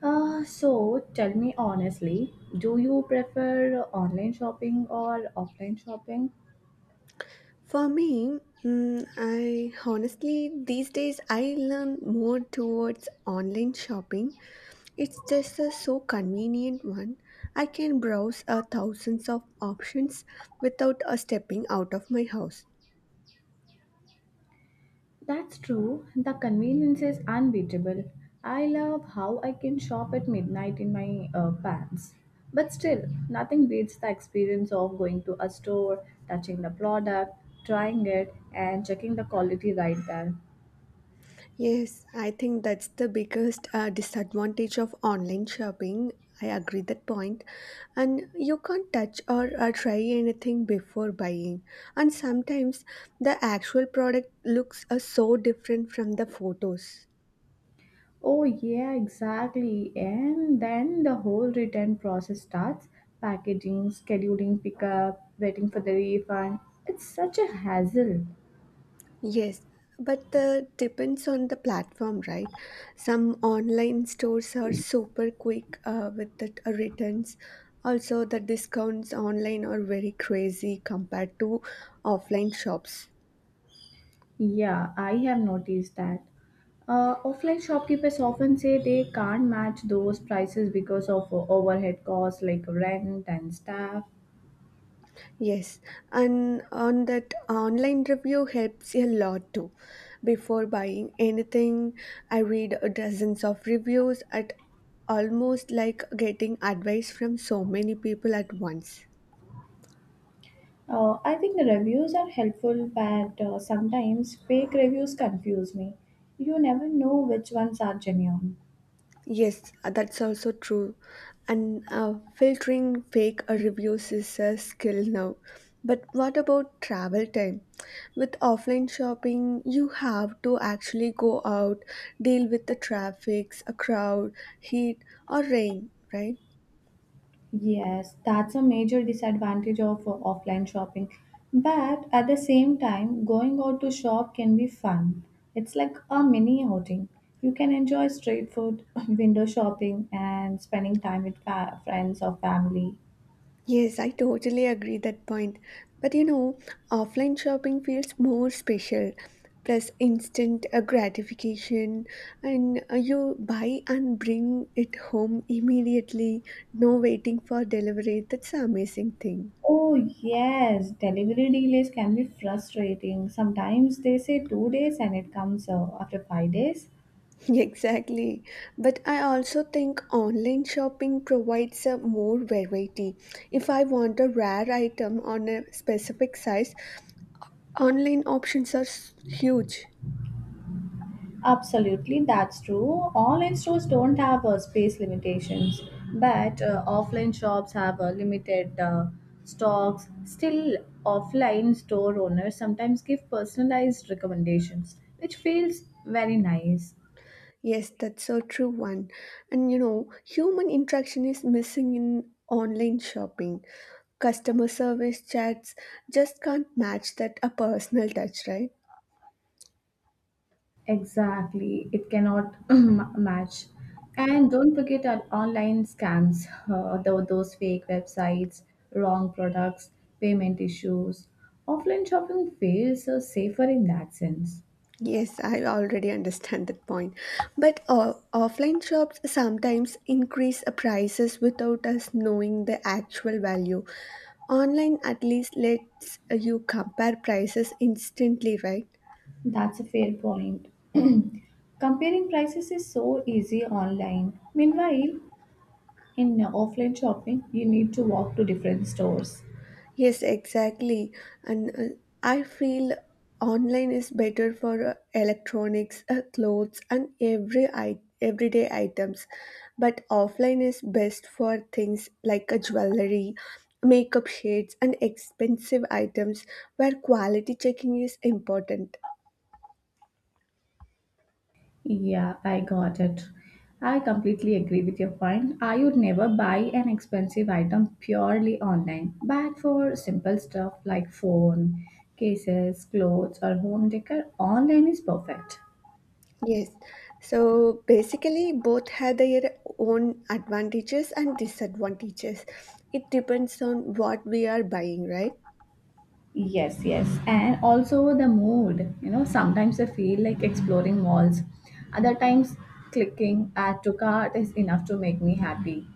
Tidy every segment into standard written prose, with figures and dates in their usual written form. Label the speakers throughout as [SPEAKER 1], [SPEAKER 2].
[SPEAKER 1] So tell me honestly, do you prefer online shopping or offline shopping?
[SPEAKER 2] For me, I honestly these days I learn more towards online shopping. It's just a so convenient one. I can browse a thousands of options without a stepping out of my house.
[SPEAKER 1] That's true. The convenience is unbeatable. I love how I can shop at midnight in my pants. But still, nothing beats the experience of going to a store, touching the product, trying it, and checking the quality right there.
[SPEAKER 2] Yes, I think that's the biggest disadvantage of online shopping. I agree that point. And you can't touch or try anything before buying. And sometimes the actual product looks so different from the photos.
[SPEAKER 1] Oh, yeah, exactly. And then the whole return process starts packaging, scheduling pickup, waiting for the refund. It's such a hassle.
[SPEAKER 2] Yes, but the depends on the platform, right? Some online stores are super quick with the returns. Also, the discounts online are very crazy compared to offline shops.
[SPEAKER 1] Yeah, I have noticed that. Offline shopkeepers often say they can't match those prices because of overhead costs like rent and staff.
[SPEAKER 2] Yes, and on that online review helps a lot too. Before buying anything, I read dozens of reviews at almost like getting advice from so many people at once.
[SPEAKER 1] I think the reviews are helpful, but sometimes fake reviews confuse me. You never know which ones are genuine.
[SPEAKER 2] Yes, that's also true. And filtering fake reviews is a skill now. But what about travel time? With offline shopping, you have to actually go out, deal with the traffic, a crowd, heat, or rain, right?
[SPEAKER 1] Yes, that's a major disadvantage of offline shopping. But at the same time, going out to shop can be fun. It's like a mini outing. You can enjoy street food, window shopping, and spending time with friends or family.
[SPEAKER 2] Yes, I totally agree that point. But you know, offline shopping feels more special. Plus, instant gratification, and you buy and bring it home immediately. No waiting for delivery. That's an amazing thing.
[SPEAKER 1] Oh, yes, delivery delays can be frustrating. Sometimes they say 2 days and it comes after 5 days.
[SPEAKER 2] Exactly. But I also think online shopping provides a more variety. If I want a rare item on a specific size, online options are huge.
[SPEAKER 1] Absolutely, that's true. Online stores don't have space limitations, but offline shops have limited stocks. Still, offline store owners sometimes give personalized recommendations, which feels very nice.
[SPEAKER 2] Yes, that's a true one. And you know, human interaction is missing in online shopping. Customer service chats just can't match that a personal touch, right?
[SPEAKER 1] Exactly, it cannot match. And don't forget our online scams, those fake websites, wrong products, payment issues. Offline shopping feels safer in that sense.
[SPEAKER 2] Yes, I already understand that point. But offline shops sometimes increase prices without us knowing the actual value. Online at least lets you compare prices instantly, right?
[SPEAKER 1] That's a fair point. Comparing prices is so easy online. Meanwhile, in offline shopping, you need to walk to different stores.
[SPEAKER 2] Yes, exactly. And I feel online is better for electronics, clothes, and every everyday items. But offline is best for things like a jewelry, makeup shades, and expensive items where quality checking is important.
[SPEAKER 1] Yeah, I got it. I completely agree with your point. I would never buy an expensive item purely online, but for simple stuff like phone, cases, clothes, or home decor, online is perfect.
[SPEAKER 2] Yes. So basically, both have their own advantages and disadvantages. It depends on what we are buying, right?
[SPEAKER 1] Yes, yes. And also the mood. You know, sometimes I feel like exploring malls. Other times, clicking add to cart is enough to make me happy.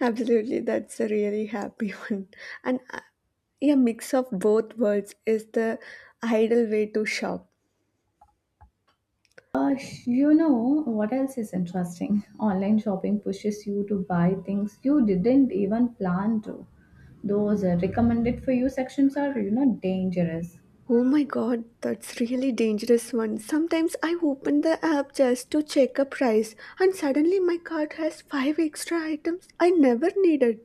[SPEAKER 2] Absolutely, that's a really happy one. And a mix of both worlds is the ideal way to shop.
[SPEAKER 1] Uh, you know, what else is interesting? Online shopping pushes you to buy things you didn't even plan to. Those recommended for you sections are, you know, dangerous.
[SPEAKER 2] Oh my god, that's really dangerous one. Sometimes I open the app just to check a price and suddenly my cart has five extra items I never needed.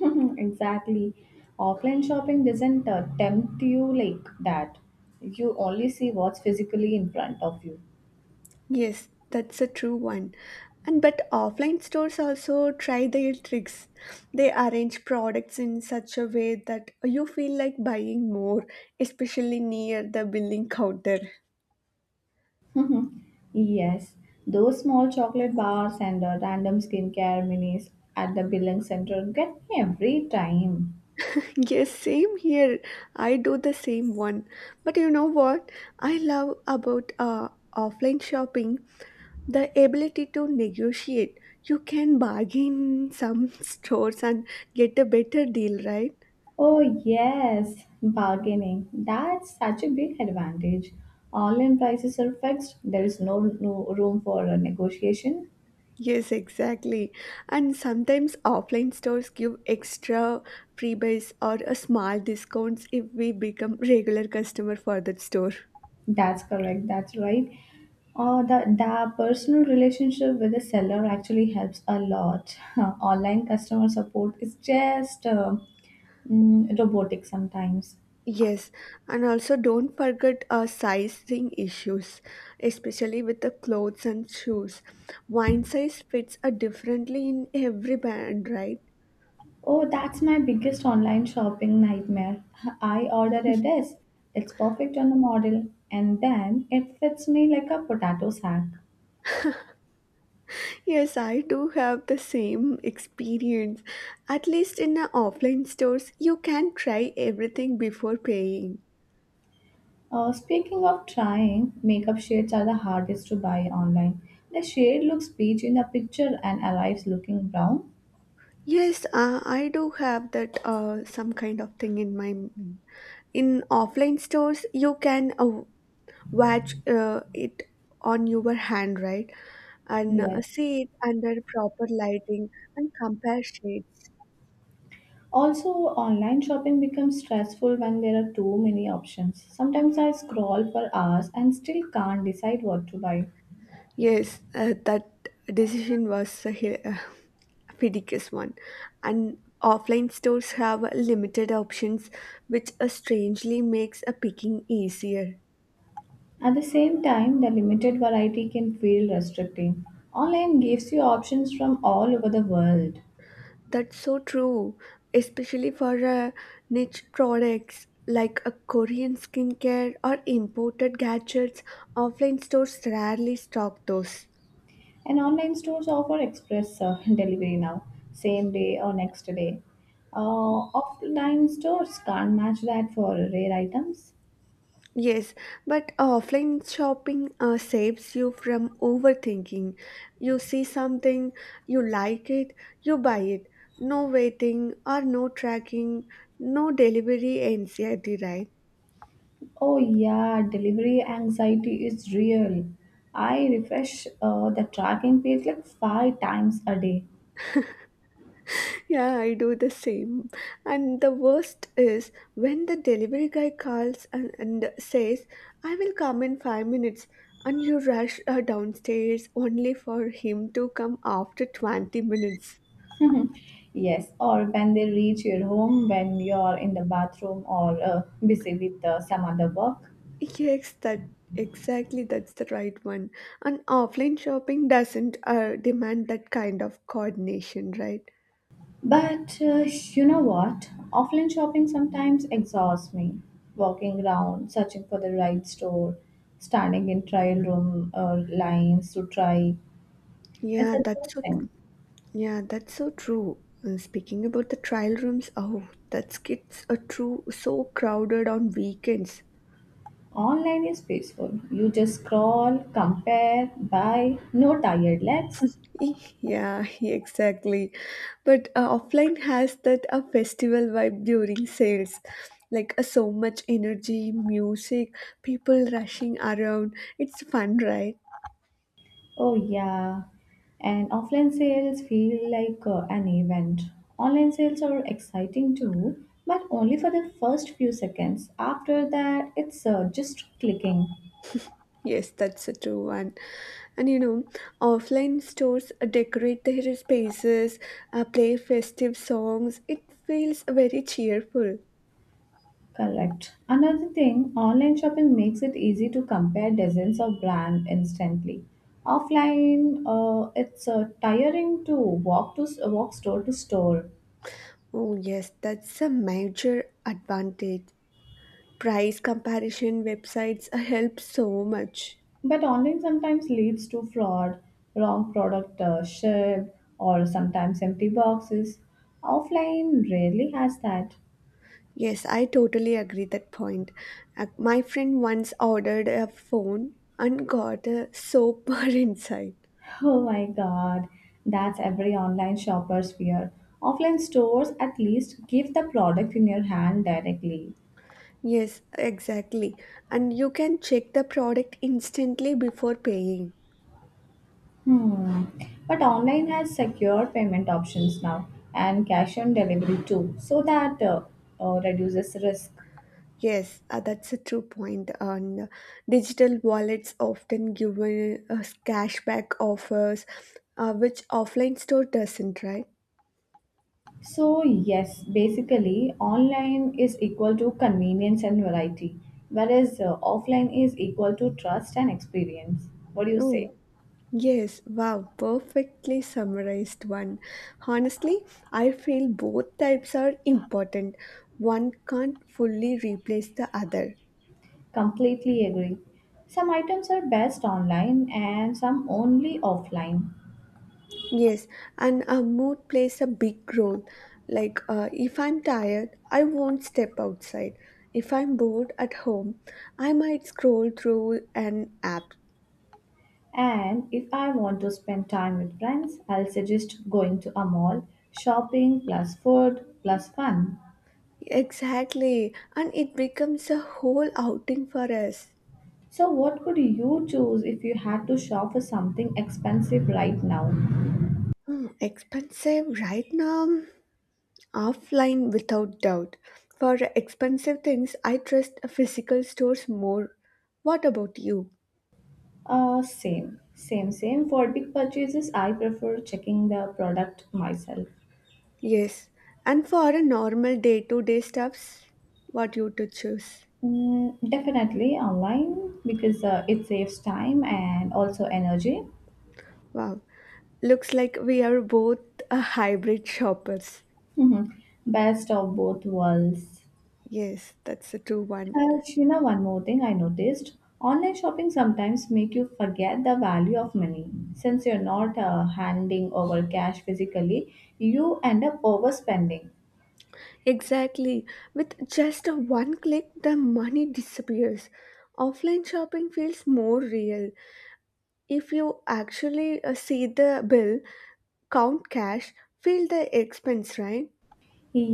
[SPEAKER 1] exactly. Offline shopping doesn't tempt you like that. You only see what's physically in front of you.
[SPEAKER 2] Yes, that's a true one. And but offline stores also try their tricks. They arrange products in such a way that you feel like buying more, especially near the billing counter.
[SPEAKER 1] Mhm. Yes, those small chocolate bars and random skincare minis at the billing center get me every time.
[SPEAKER 2] Yes, same here. I do the same one. But you know what I love about offline shopping? The ability to negotiate. You can bargain in some stores and get a better deal, right?
[SPEAKER 1] Oh, yes, bargaining. That's such a big advantage. Online prices are fixed, there is no room for negotiation.
[SPEAKER 2] Yes, exactly. And sometimes offline stores give extra freebies or a small discounts if we become regular customer for that store.
[SPEAKER 1] That's correct, that's right. The personal relationship with the seller actually helps a lot. Online customer support is just robotic sometimes.
[SPEAKER 2] Yes, and also don't forget sizing issues, especially with the clothes and shoes. One size fits differently in every brand, right?
[SPEAKER 1] Oh, that's my biggest online shopping nightmare. I order a dress, it's perfect on the model, and then it fits me like a potato sack.
[SPEAKER 2] Yes, I do have the same experience. At least in offline stores, you can try everything before paying.
[SPEAKER 1] Speaking of trying, makeup shades are the hardest to buy online. The shade looks peach in the picture and arrives looking brown.
[SPEAKER 2] Yes, I do have that some kind of thing in my mind. In offline stores, you can watch it on your hand, right? And
[SPEAKER 1] Yes.
[SPEAKER 2] see it under proper lighting and compare shades.
[SPEAKER 1] Also, online shopping becomes stressful when there are too many options. Sometimes I scroll for hours and still can't decide what to buy.
[SPEAKER 2] Yes, that decision was a ridiculous one. And offline stores have limited options, which strangely makes a picking easier.
[SPEAKER 1] At the same time, the limited variety can feel restricting. Online gives you options from all over the world.
[SPEAKER 2] That's so true, especially for niche products like a Korean skincare or imported gadgets. Offline stores rarely stock those.
[SPEAKER 1] And online stores offer express delivery now, same day or next day. Offline stores can't match that for rare items.
[SPEAKER 2] Yes, but offline shopping saves you from overthinking. You see something, you like it, you buy it. No waiting or no tracking, no delivery anxiety, right?
[SPEAKER 1] Oh, yeah, delivery anxiety is real. I refresh the tracking page like 5 times a day.
[SPEAKER 2] Yeah, I do the same. And the worst is when the delivery guy calls and says, I will come in 5 minutes, and you rush downstairs only for him to come after 20 minutes.
[SPEAKER 1] Yes, or when they reach your home when you're in the bathroom or busy with some other work.
[SPEAKER 2] Yes, that exactly that's the right one. And offline shopping doesn't demand that kind of coordination, right?
[SPEAKER 1] But you know what? Offline shopping sometimes exhausts me. Walking around, searching for the right store, standing in trial room or lines to try. It's
[SPEAKER 2] Yeah, that's so
[SPEAKER 1] exhausting.
[SPEAKER 2] Yeah, that's so true. And speaking about the trial rooms, oh, that gets a true so crowded on weekends.
[SPEAKER 1] Online is peaceful. You just scroll, compare, buy, no tired legs.
[SPEAKER 2] Yeah, exactly. But offline has that a festival vibe during sales. Like so much energy, music, people rushing around. It's fun, right?
[SPEAKER 1] Oh, yeah. And offline sales feel like an event. Online sales are exciting too, but only for the first few seconds. After that, it's just clicking.
[SPEAKER 2] Yes, that's a true one. And you know, offline stores decorate their spaces, play festive songs. It feels very cheerful.
[SPEAKER 1] Correct. Another thing, online shopping makes it easy to compare dozens of brands instantly. Offline, it's tiring to walk store to store.
[SPEAKER 2] Oh, yes, that's a major advantage. Price comparison websites help so much.
[SPEAKER 1] But online sometimes leads to fraud, wrong product shipped, or sometimes empty boxes. Offline rarely has that.
[SPEAKER 2] Yes, I totally agree that point. My friend once ordered a phone and got a soap bar inside.
[SPEAKER 1] Oh my god, that's every online shopper's fear. Offline stores at least give the product in your hand directly.
[SPEAKER 2] Yes, exactly. And you can check the product instantly before paying.
[SPEAKER 1] Hmm. But online has secure payment options now and cash on delivery too, so that reduces risk.
[SPEAKER 2] Yes, that's a true point. And digital wallets often give us cashback offers, which offline store doesn't, right?
[SPEAKER 1] So, yes, basically, online is equal to convenience and variety, whereas offline is equal to trust and experience. What do you say?
[SPEAKER 2] Oh, yes. Wow, perfectly summarized one. Honestly, I feel both types are important. One can't fully replace the other.
[SPEAKER 1] Completely agree. Some items are best online and some only offline.
[SPEAKER 2] Yes, and a mood plays a big role. Like, if I'm tired, I won't step outside. If I'm bored at home, I might scroll through an app.
[SPEAKER 1] And if I want to spend time with friends, I'll suggest going to a mall, shopping plus food plus fun.
[SPEAKER 2] Exactly, and it becomes a whole outing for us.
[SPEAKER 1] So, what would you choose if you had to shop for something expensive right now?
[SPEAKER 2] Hmm, expensive right now, offline without doubt. For expensive things, I trust physical stores more. What about you?
[SPEAKER 1] Same, same, same. For big purchases, I prefer checking the product myself.
[SPEAKER 2] Yes, and for a normal day-to-day stuffs, what you to choose?
[SPEAKER 1] Mm, definitely online because it saves time and also energy.
[SPEAKER 2] Wow, looks like we are both a hybrid shoppers.
[SPEAKER 1] Mhm. Best of both worlds.
[SPEAKER 2] Yes, that's a true one.
[SPEAKER 1] You know, one more thing I noticed. Online shopping sometimes make you forget the value of money. Since you're not handing over cash physically, you end up overspending.
[SPEAKER 2] Exactly. With just a one click, the money disappears. Offline shopping feels more real. If you actually see the bill, count cash, feel the expense, right?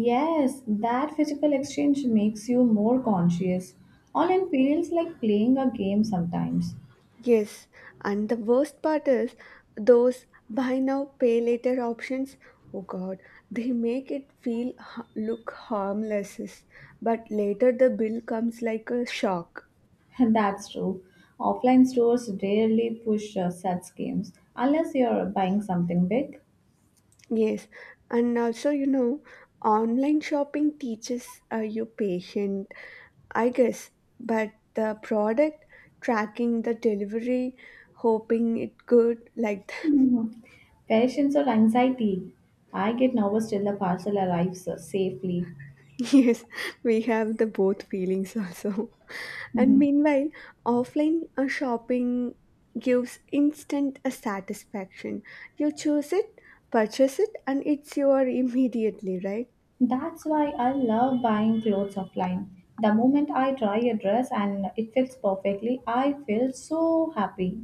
[SPEAKER 1] Yes, that physical exchange makes you more conscious. Online feels like playing a game sometimes.
[SPEAKER 2] Yes, and the worst part is those buy now pay later options. Oh god, they make it feel look harmless, but later the bill comes like a shock.
[SPEAKER 1] That's true. Offline stores rarely push such games unless you're buying something big.
[SPEAKER 2] Yes, and also you know, online shopping teaches you patient, I guess, but the product tracking the delivery, hoping it good like
[SPEAKER 1] Mhm. Patience or anxiety. I get nervous till the parcel arrives safely.
[SPEAKER 2] Yes, we have the both feelings also. And
[SPEAKER 1] Mhm.
[SPEAKER 2] meanwhile, offline shopping gives instant satisfaction. You choose it, purchase it, and it's your immediately, right?
[SPEAKER 1] That's why I love buying clothes offline. The moment I try a dress and it fits perfectly, I feel so happy.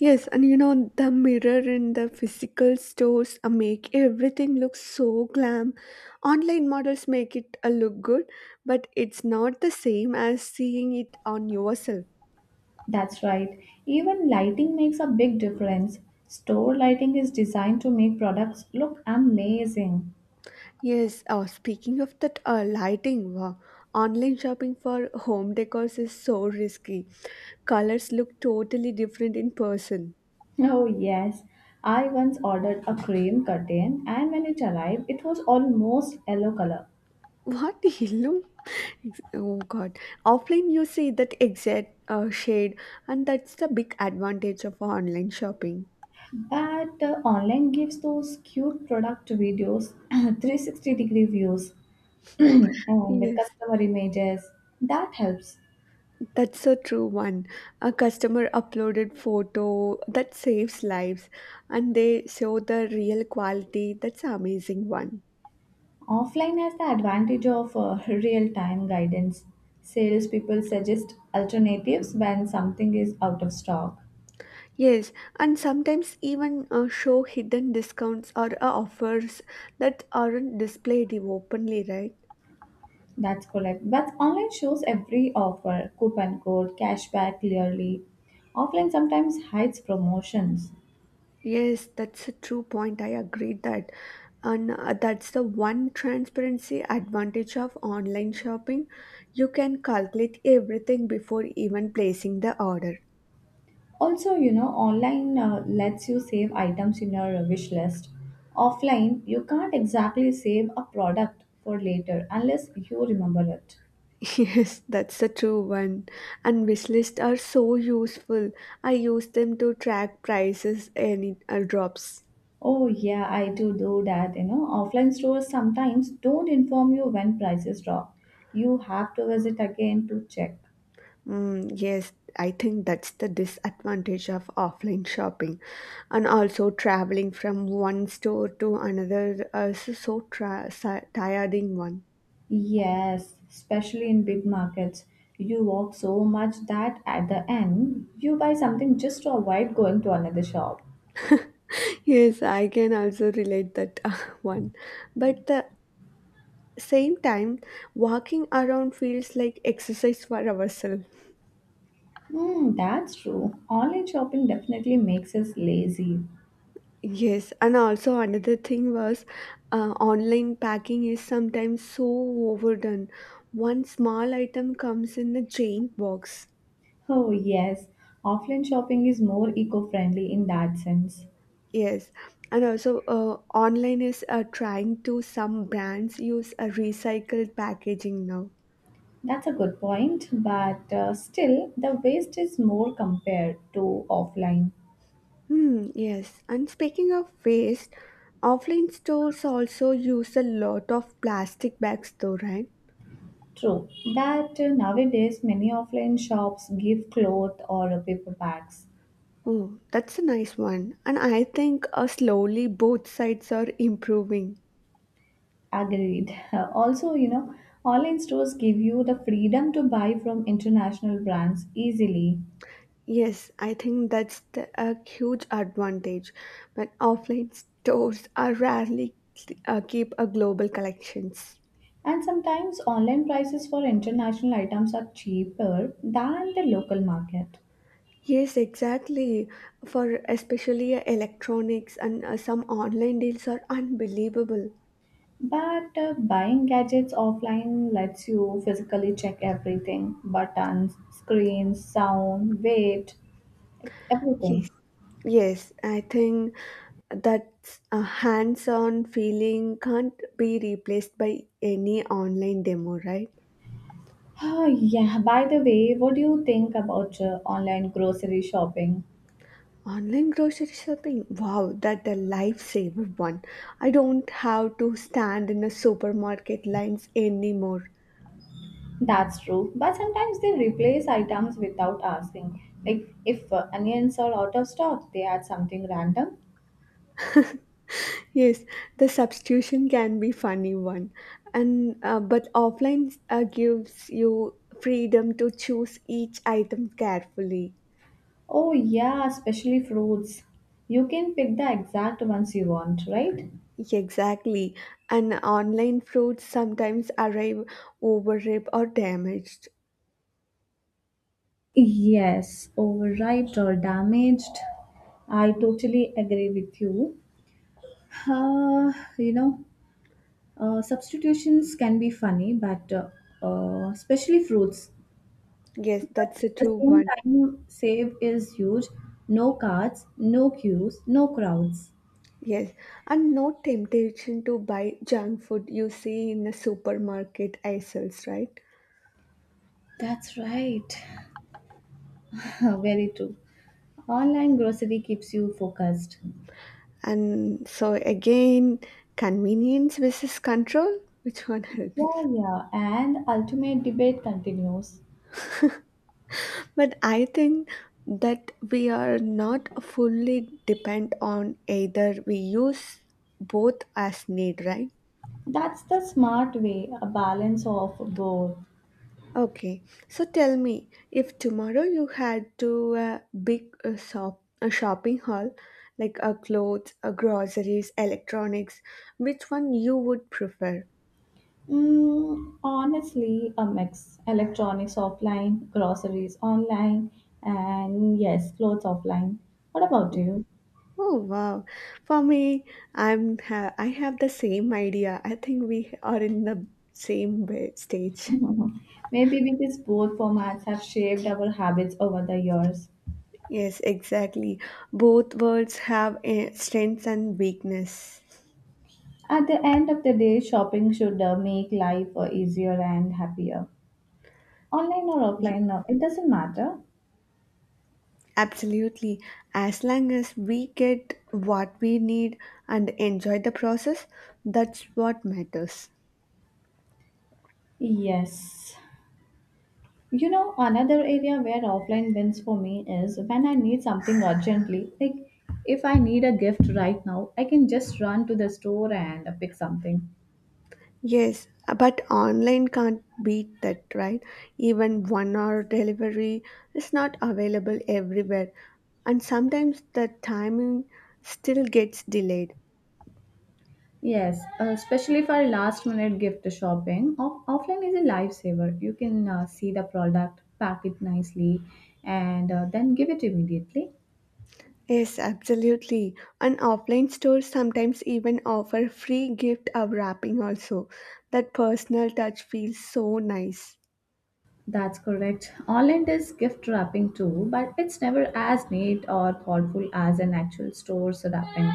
[SPEAKER 2] Yes, and you know, the mirror in the physical stores make everything look so glam. Online models make it look good, but it's not the same as seeing it on yourself.
[SPEAKER 1] That's right. Even lighting makes a big difference. Store lighting is designed to make products look amazing.
[SPEAKER 2] Yes, speaking of that lighting, wow, online shopping for home decors is so risky. Colors look totally different in person.
[SPEAKER 1] Oh, yes. I once ordered a cream curtain, and when it arrived, it was almost yellow color.
[SPEAKER 2] What yellow? Oh God! Offline, you see that exact shade, and that's the big advantage of online shopping.
[SPEAKER 1] But online gives those cute product videos, 360 degree views, and the
[SPEAKER 2] Yes,
[SPEAKER 1] customer images. That helps.
[SPEAKER 2] that's a true one. A customer uploaded photo that saves lives, and they show the real quality. That's an amazing one.
[SPEAKER 1] Offline has the advantage of real time guidance. Salespeople suggest alternatives when something is out of stock.
[SPEAKER 2] Yes, and sometimes even show hidden discounts or offers that aren't displayed openly, right?
[SPEAKER 1] That's correct. But online shows every offer, coupon code, cashback clearly. Offline sometimes hides promotions.
[SPEAKER 2] Yes, that's a true point. I agree that. And that's the one transparency advantage of online shopping. You can calculate everything before even placing the order.
[SPEAKER 1] Also, you know, online lets you save items in your wish list. Offline, you can't exactly save a product for later unless you remember it.
[SPEAKER 2] Yes, that's a true one. And wish lists are so useful. I use them to track prices and it, drops.
[SPEAKER 1] Oh yeah, I do that. You know, offline stores sometimes don't inform you when prices drop. You have to visit again to check.
[SPEAKER 2] Yes, I think that's the disadvantage of offline shopping. And also, traveling from one store to another is so tiring one.
[SPEAKER 1] Yes, especially in big markets. You walk so much that at the end, you buy something just to avoid going to another shop.
[SPEAKER 2] Yes, I can also relate that one. But the same time, walking around feels like exercise for ourselves.
[SPEAKER 1] Hmm, that's true. Online shopping definitely makes us lazy.
[SPEAKER 2] Yes, and also another thing was online packing is sometimes so overdone. One small item comes in a giant box.
[SPEAKER 1] Oh yes, offline shopping is more eco-friendly in that sense.
[SPEAKER 2] Yes, and also online is trying to some brands use a recycled packaging now.
[SPEAKER 1] That's a good point, but still, the waste is more compared to offline.
[SPEAKER 2] Hmm, yes, and speaking of waste, offline stores also use a lot of plastic bags though, right?
[SPEAKER 1] True, but nowadays many offline shops give cloth or paper bags.
[SPEAKER 2] Oh, that's a nice one. And I think slowly both sides are improving.
[SPEAKER 1] Agreed. Also, you know, online stores give you the freedom to buy from international brands easily.
[SPEAKER 2] Yes, I think that's the, a huge advantage. But offline stores are rarely keep a global collections.
[SPEAKER 1] And sometimes online prices for international items are cheaper than the local market.
[SPEAKER 2] Yes, exactly. For especially electronics and some online deals are unbelievable.
[SPEAKER 1] But buying gadgets offline lets you physically check everything buttons, screens, sound, weight, everything.
[SPEAKER 2] Yes. Yes, I think that a hands-on feeling can't be replaced by any online demo, right?
[SPEAKER 1] Oh, yeah, by the way, what do you think about online grocery shopping?
[SPEAKER 2] Online grocery shopping. Wow, that a lifesaver one. I don't have to stand in a supermarket lines anymore.
[SPEAKER 1] That's true, but sometimes they replace items without asking. Like if onions are out of stock, they add something random.
[SPEAKER 2] Yes, the substitution can be funny one, and but offline gives you freedom to choose each item carefully.
[SPEAKER 1] Oh, yeah, especially fruits. You can pick the exact ones you want, right?
[SPEAKER 2] Exactly, and online fruits sometimes arrive overripe or damaged.
[SPEAKER 1] Yes, overripe or damaged. I totally agree with you. Uh, you know, Substitutions can be funny, but especially fruits.
[SPEAKER 2] Yes, that's a
[SPEAKER 1] The
[SPEAKER 2] true
[SPEAKER 1] same
[SPEAKER 2] one.
[SPEAKER 1] time save is huge. No cards, no queues, no crowds.
[SPEAKER 2] Yes, and no temptation to buy junk food you see in a supermarket aisles, right?
[SPEAKER 1] That's right. Very true. Online grocery keeps you focused.
[SPEAKER 2] And so again, convenience versus control, which one helps?
[SPEAKER 1] Yeah, yeah, and ultimate debate continues.
[SPEAKER 2] But I think that we are not fully depend on either. We use both as need, right?
[SPEAKER 1] That's the smart way, a balance of both.
[SPEAKER 2] Okay, so tell me, if tomorrow you had to a big shop, a shopping haul, like a clothes, a groceries, electronics, which one you would prefer?
[SPEAKER 1] Mm, honestly, a mix. Electronics offline, groceries online, and yes, clothes offline. What about you?
[SPEAKER 2] Oh wow! For me, I have the same idea. I think we are in the stage.
[SPEAKER 1] Mhm. Maybe because both formats have shaped our habits over the years.
[SPEAKER 2] Yes, exactly. Both worlds have strengths and weakness.
[SPEAKER 1] At the end of the day, shopping should make life easier and happier. Online or
[SPEAKER 2] Ye-
[SPEAKER 1] offline, it doesn't matter.
[SPEAKER 2] Absolutely. As long as we get what we need and enjoy the process, that's what matters.
[SPEAKER 1] Yes, you know, another area where offline wins for me is when I need something urgently. Like, if I need a gift right now, I can just run to the store and pick something.
[SPEAKER 2] Yes, but online can't beat that, right? Even 1 hour delivery is not available everywhere, and sometimes the timing still gets delayed.
[SPEAKER 1] Yes, especially for last minute gift shopping, offline is a lifesaver. You can see the product, pack it nicely, and then give it immediately.
[SPEAKER 2] Yes, absolutely. And offline stores sometimes even offer free gift of wrapping also. That personal touch feels so nice.
[SPEAKER 1] That's correct. Online is gift wrapping too, but it's never as neat or thoughtful as an actual store's wrapping.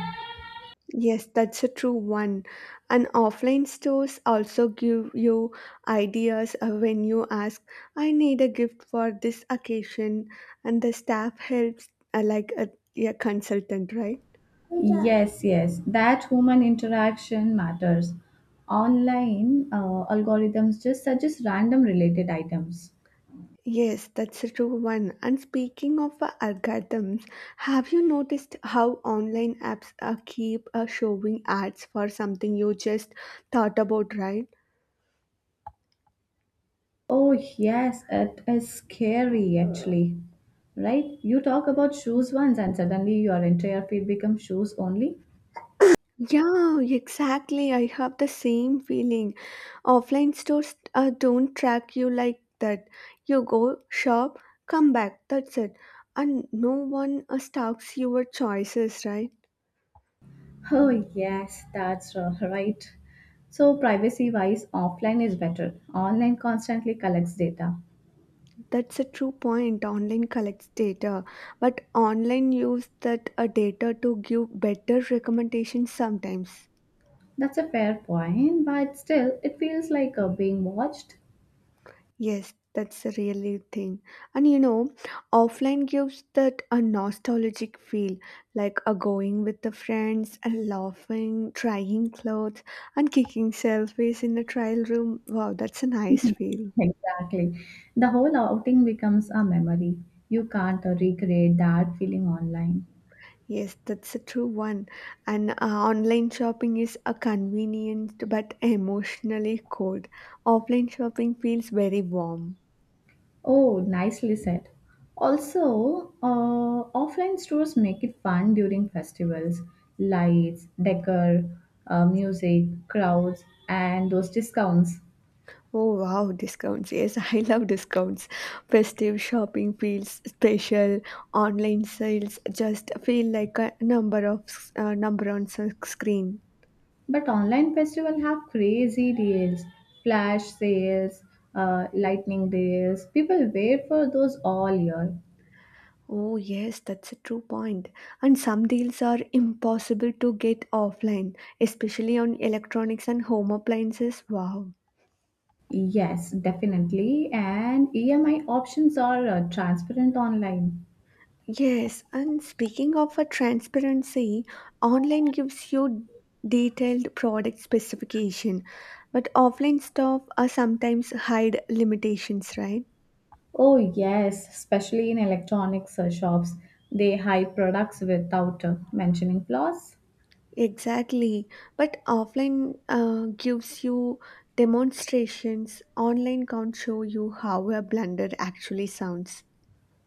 [SPEAKER 2] Yes, that's a true one. And offline stores also give you ideas when you ask, I need a gift for this occasion, and the staff helps like a consultant, right?
[SPEAKER 1] Yes, yes, that human interaction matters. Online algorithms just suggest random related items.
[SPEAKER 2] Yes, that's a true one. And speaking of algorithms, have you noticed how online apps keep showing ads for something you just thought about, right?
[SPEAKER 1] Oh, yes, it is scary actually. Right? You talk about shoes once and suddenly your entire feed becomes shoes only.
[SPEAKER 2] Yeah, exactly. I have the same feeling. Offline stores don't track you like that. You go, shop, come back, that's it. And no one stalks your choices, right?
[SPEAKER 1] Oh, yes, that's right. So, privacy wise, offline is better. Online constantly collects data.
[SPEAKER 2] That's a true point. Online collects data, but online use that data to give better recommendations sometimes.
[SPEAKER 1] That's a fair point, but still, it feels like being watched.
[SPEAKER 2] Yes, that's a really thing. And you know, offline gives that a nostalgic feel, like a going with the friends and laughing, trying clothes, and kicking selfies in the trial room. Wow, that's a nice feel.
[SPEAKER 1] Exactly. The whole outing becomes a memory. You can't recreate that feeling online.
[SPEAKER 2] Yes, that's a true one. And online shopping is a convenient but emotionally cold. Offline shopping feels very warm.
[SPEAKER 1] Oh, nicely said. Also, offline stores make it fun during festivals. Lights, decor, music, crowds, and those discounts.
[SPEAKER 2] Oh wow, discounts. Yes, I love discounts. Festive shopping feels special. Online sales just feel like a number of screen.
[SPEAKER 1] But online festival have crazy deals, flash sales, lightning deals. People wait for those all year.
[SPEAKER 2] Oh yes, that's a true point. And some deals are impossible to get offline, especially on electronics and home appliances. Wow.
[SPEAKER 1] Yes, definitely. And EMI options are transparent online.
[SPEAKER 2] Yes, and speaking of a transparency, online gives you detailed product specification, but offline stuff are sometimes hide limitations, right?
[SPEAKER 1] Oh, yes, especially in electronics shops. They hide products without mentioning flaws.
[SPEAKER 2] Exactly. But offline gives you demonstrations. Online can't show you how a blender actually sounds.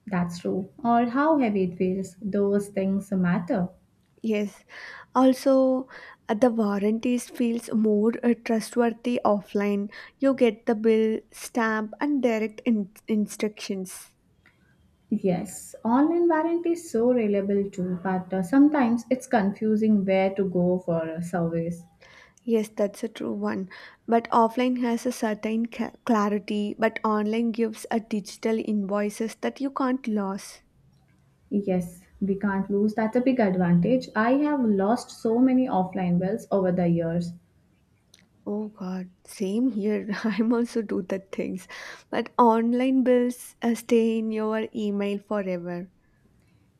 [SPEAKER 1] That's true. Or how heavy it feels. Those things matter.
[SPEAKER 2] Yes. Also, the warranties feels more trustworthy offline. You get the bill, stamp, and direct instructions.
[SPEAKER 1] Yes, online warranty is so reliable too, but sometimes it's confusing where to go for a service.
[SPEAKER 2] Yes, that's a true one. But offline has a certain clarity, but online gives a digital invoices that you can't lose.
[SPEAKER 1] Yes, we can't lose. That's a big advantage. I have lost so many offline wells over the years.
[SPEAKER 2] Oh God, same here. I'm also do that things, but online bills stay in your email forever.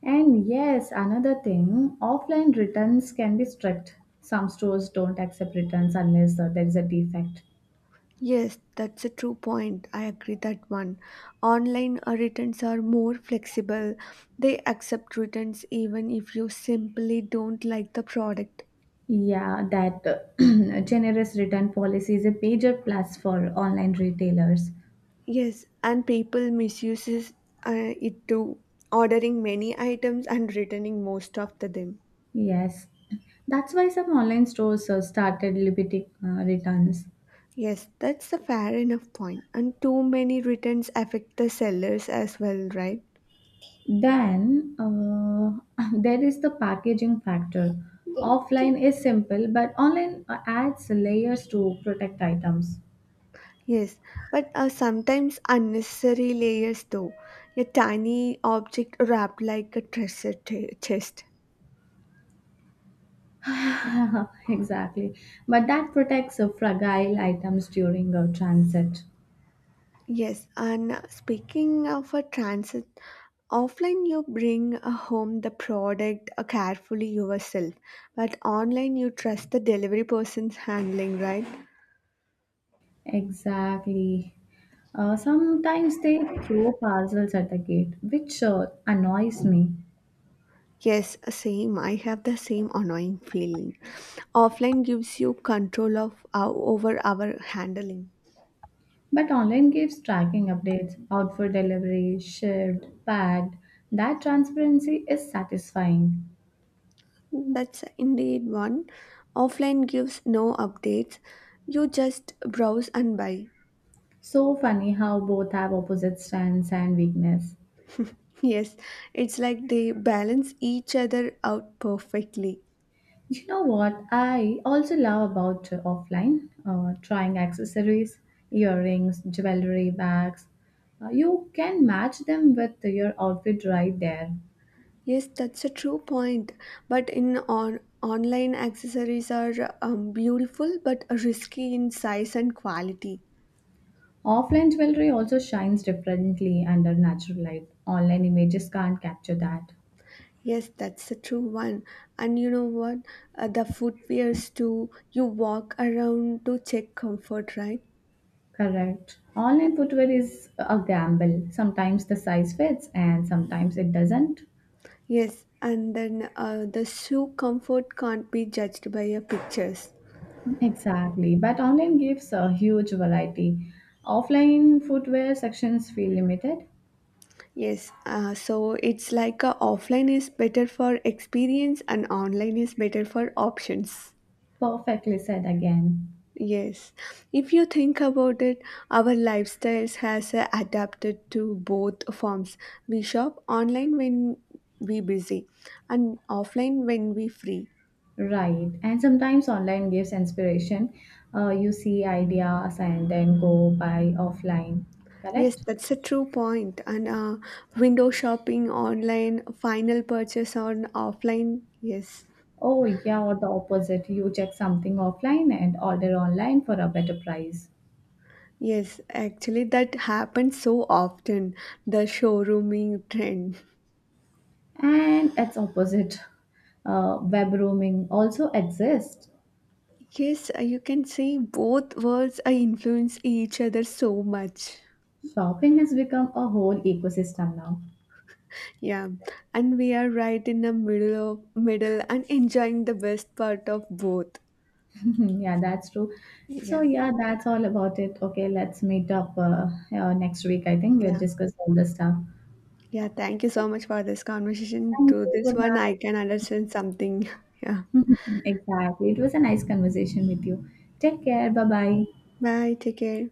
[SPEAKER 1] And yes, another thing, offline returns can be strict. Some stores don't accept returns unless there is a defect.
[SPEAKER 2] Yes, that's a true point. I agree that one. Online returns are more flexible. They accept returns even if you simply don't like the product.
[SPEAKER 1] Yeah, that generous return policy is a major plus for online retailers.
[SPEAKER 2] Yes, and people misuses it too, ordering many items and returning most of the them.
[SPEAKER 1] Yes, that's why some online stores started limiting returns.
[SPEAKER 2] Yes, that's a fair enough point. And too many returns affect the sellers as well, right?
[SPEAKER 1] Then there is the packaging factor. Offline is simple, but online adds layers to protect items.
[SPEAKER 2] Yes, but sometimes unnecessary layers though. A tiny object wrapped like a treasure chest.
[SPEAKER 1] Exactly. But that protects fragile items during transit.
[SPEAKER 2] Yes, and speaking of a transit, offline you bring home the product carefully yourself, but online you trust the delivery person's handling, right?
[SPEAKER 1] Exactly. Sometimes they throw parcels at the gate, which annoys me.
[SPEAKER 2] Yes, same. I have the same annoying feeling. Offline gives you control of over our handling.
[SPEAKER 1] But online gives tracking updates, out for delivery, shipped, packed. That transparency is satisfying.
[SPEAKER 2] That's indeed one. Offline gives no updates. You just browse and buy.
[SPEAKER 1] So funny how both have opposite strengths and weakness.
[SPEAKER 2] Yes, it's like they balance each other out perfectly.
[SPEAKER 1] You know what I also love about offline? Trying accessories, earrings, jewelry, bags. You can match them with your outfit right there.
[SPEAKER 2] Yes, that's a true point. But in on online accessories are beautiful but risky in size and quality.
[SPEAKER 1] Offline jewelry also shines differently under natural light. Online images can't capture that.
[SPEAKER 2] Yes, that's a true one. And you know what? The footwears too. You walk around to check comfort, right?
[SPEAKER 1] Correct. Online footwear is a gamble. Sometimes the size fits and sometimes it doesn't.
[SPEAKER 2] Yes, and then the shoe comfort can't be judged by your pictures.
[SPEAKER 1] Exactly, but online gives a huge variety. Offline footwear sections feel limited.
[SPEAKER 2] Yes, so it's like offline is better for experience and online is better for options.
[SPEAKER 1] Perfectly said again.
[SPEAKER 2] Yes, if you think about it, our lifestyles has adapted to both forms. We shop online when we busy and offline when we free.
[SPEAKER 1] Right. And sometimes online gives inspiration. You see ideas and then go by offline.
[SPEAKER 2] Yes,
[SPEAKER 1] Correct?
[SPEAKER 2] that's a true point. And window shopping online, final purchase on offline. Yes,
[SPEAKER 1] Oh, yeah, or the opposite. You check something offline and order online for a better price.
[SPEAKER 2] yes, actually, that happens so often. The showrooming trend.
[SPEAKER 1] And it's opposite. Web roaming also exists.
[SPEAKER 2] Yes, you can say both worlds influence each other so much.
[SPEAKER 1] Shopping has become a whole ecosystem now.
[SPEAKER 2] Yeah, and we are right in the middle and enjoying the best part of both.
[SPEAKER 1] Mhm, yeah, that's true. So,
[SPEAKER 2] Yeah,
[SPEAKER 1] yeah, that's all about it. Okay, let's meet up next week. I think we'll
[SPEAKER 2] yeah,
[SPEAKER 1] discuss all the stuff.
[SPEAKER 2] yeah. Thank you so much for this conversation.
[SPEAKER 1] Thank
[SPEAKER 2] To
[SPEAKER 1] you. Bye
[SPEAKER 2] this one, I
[SPEAKER 1] bye.
[SPEAKER 2] can understand something. Yeah.
[SPEAKER 1] exactly. It was a nice conversation with you. Take care. Bye bye.
[SPEAKER 2] Bye. Take care.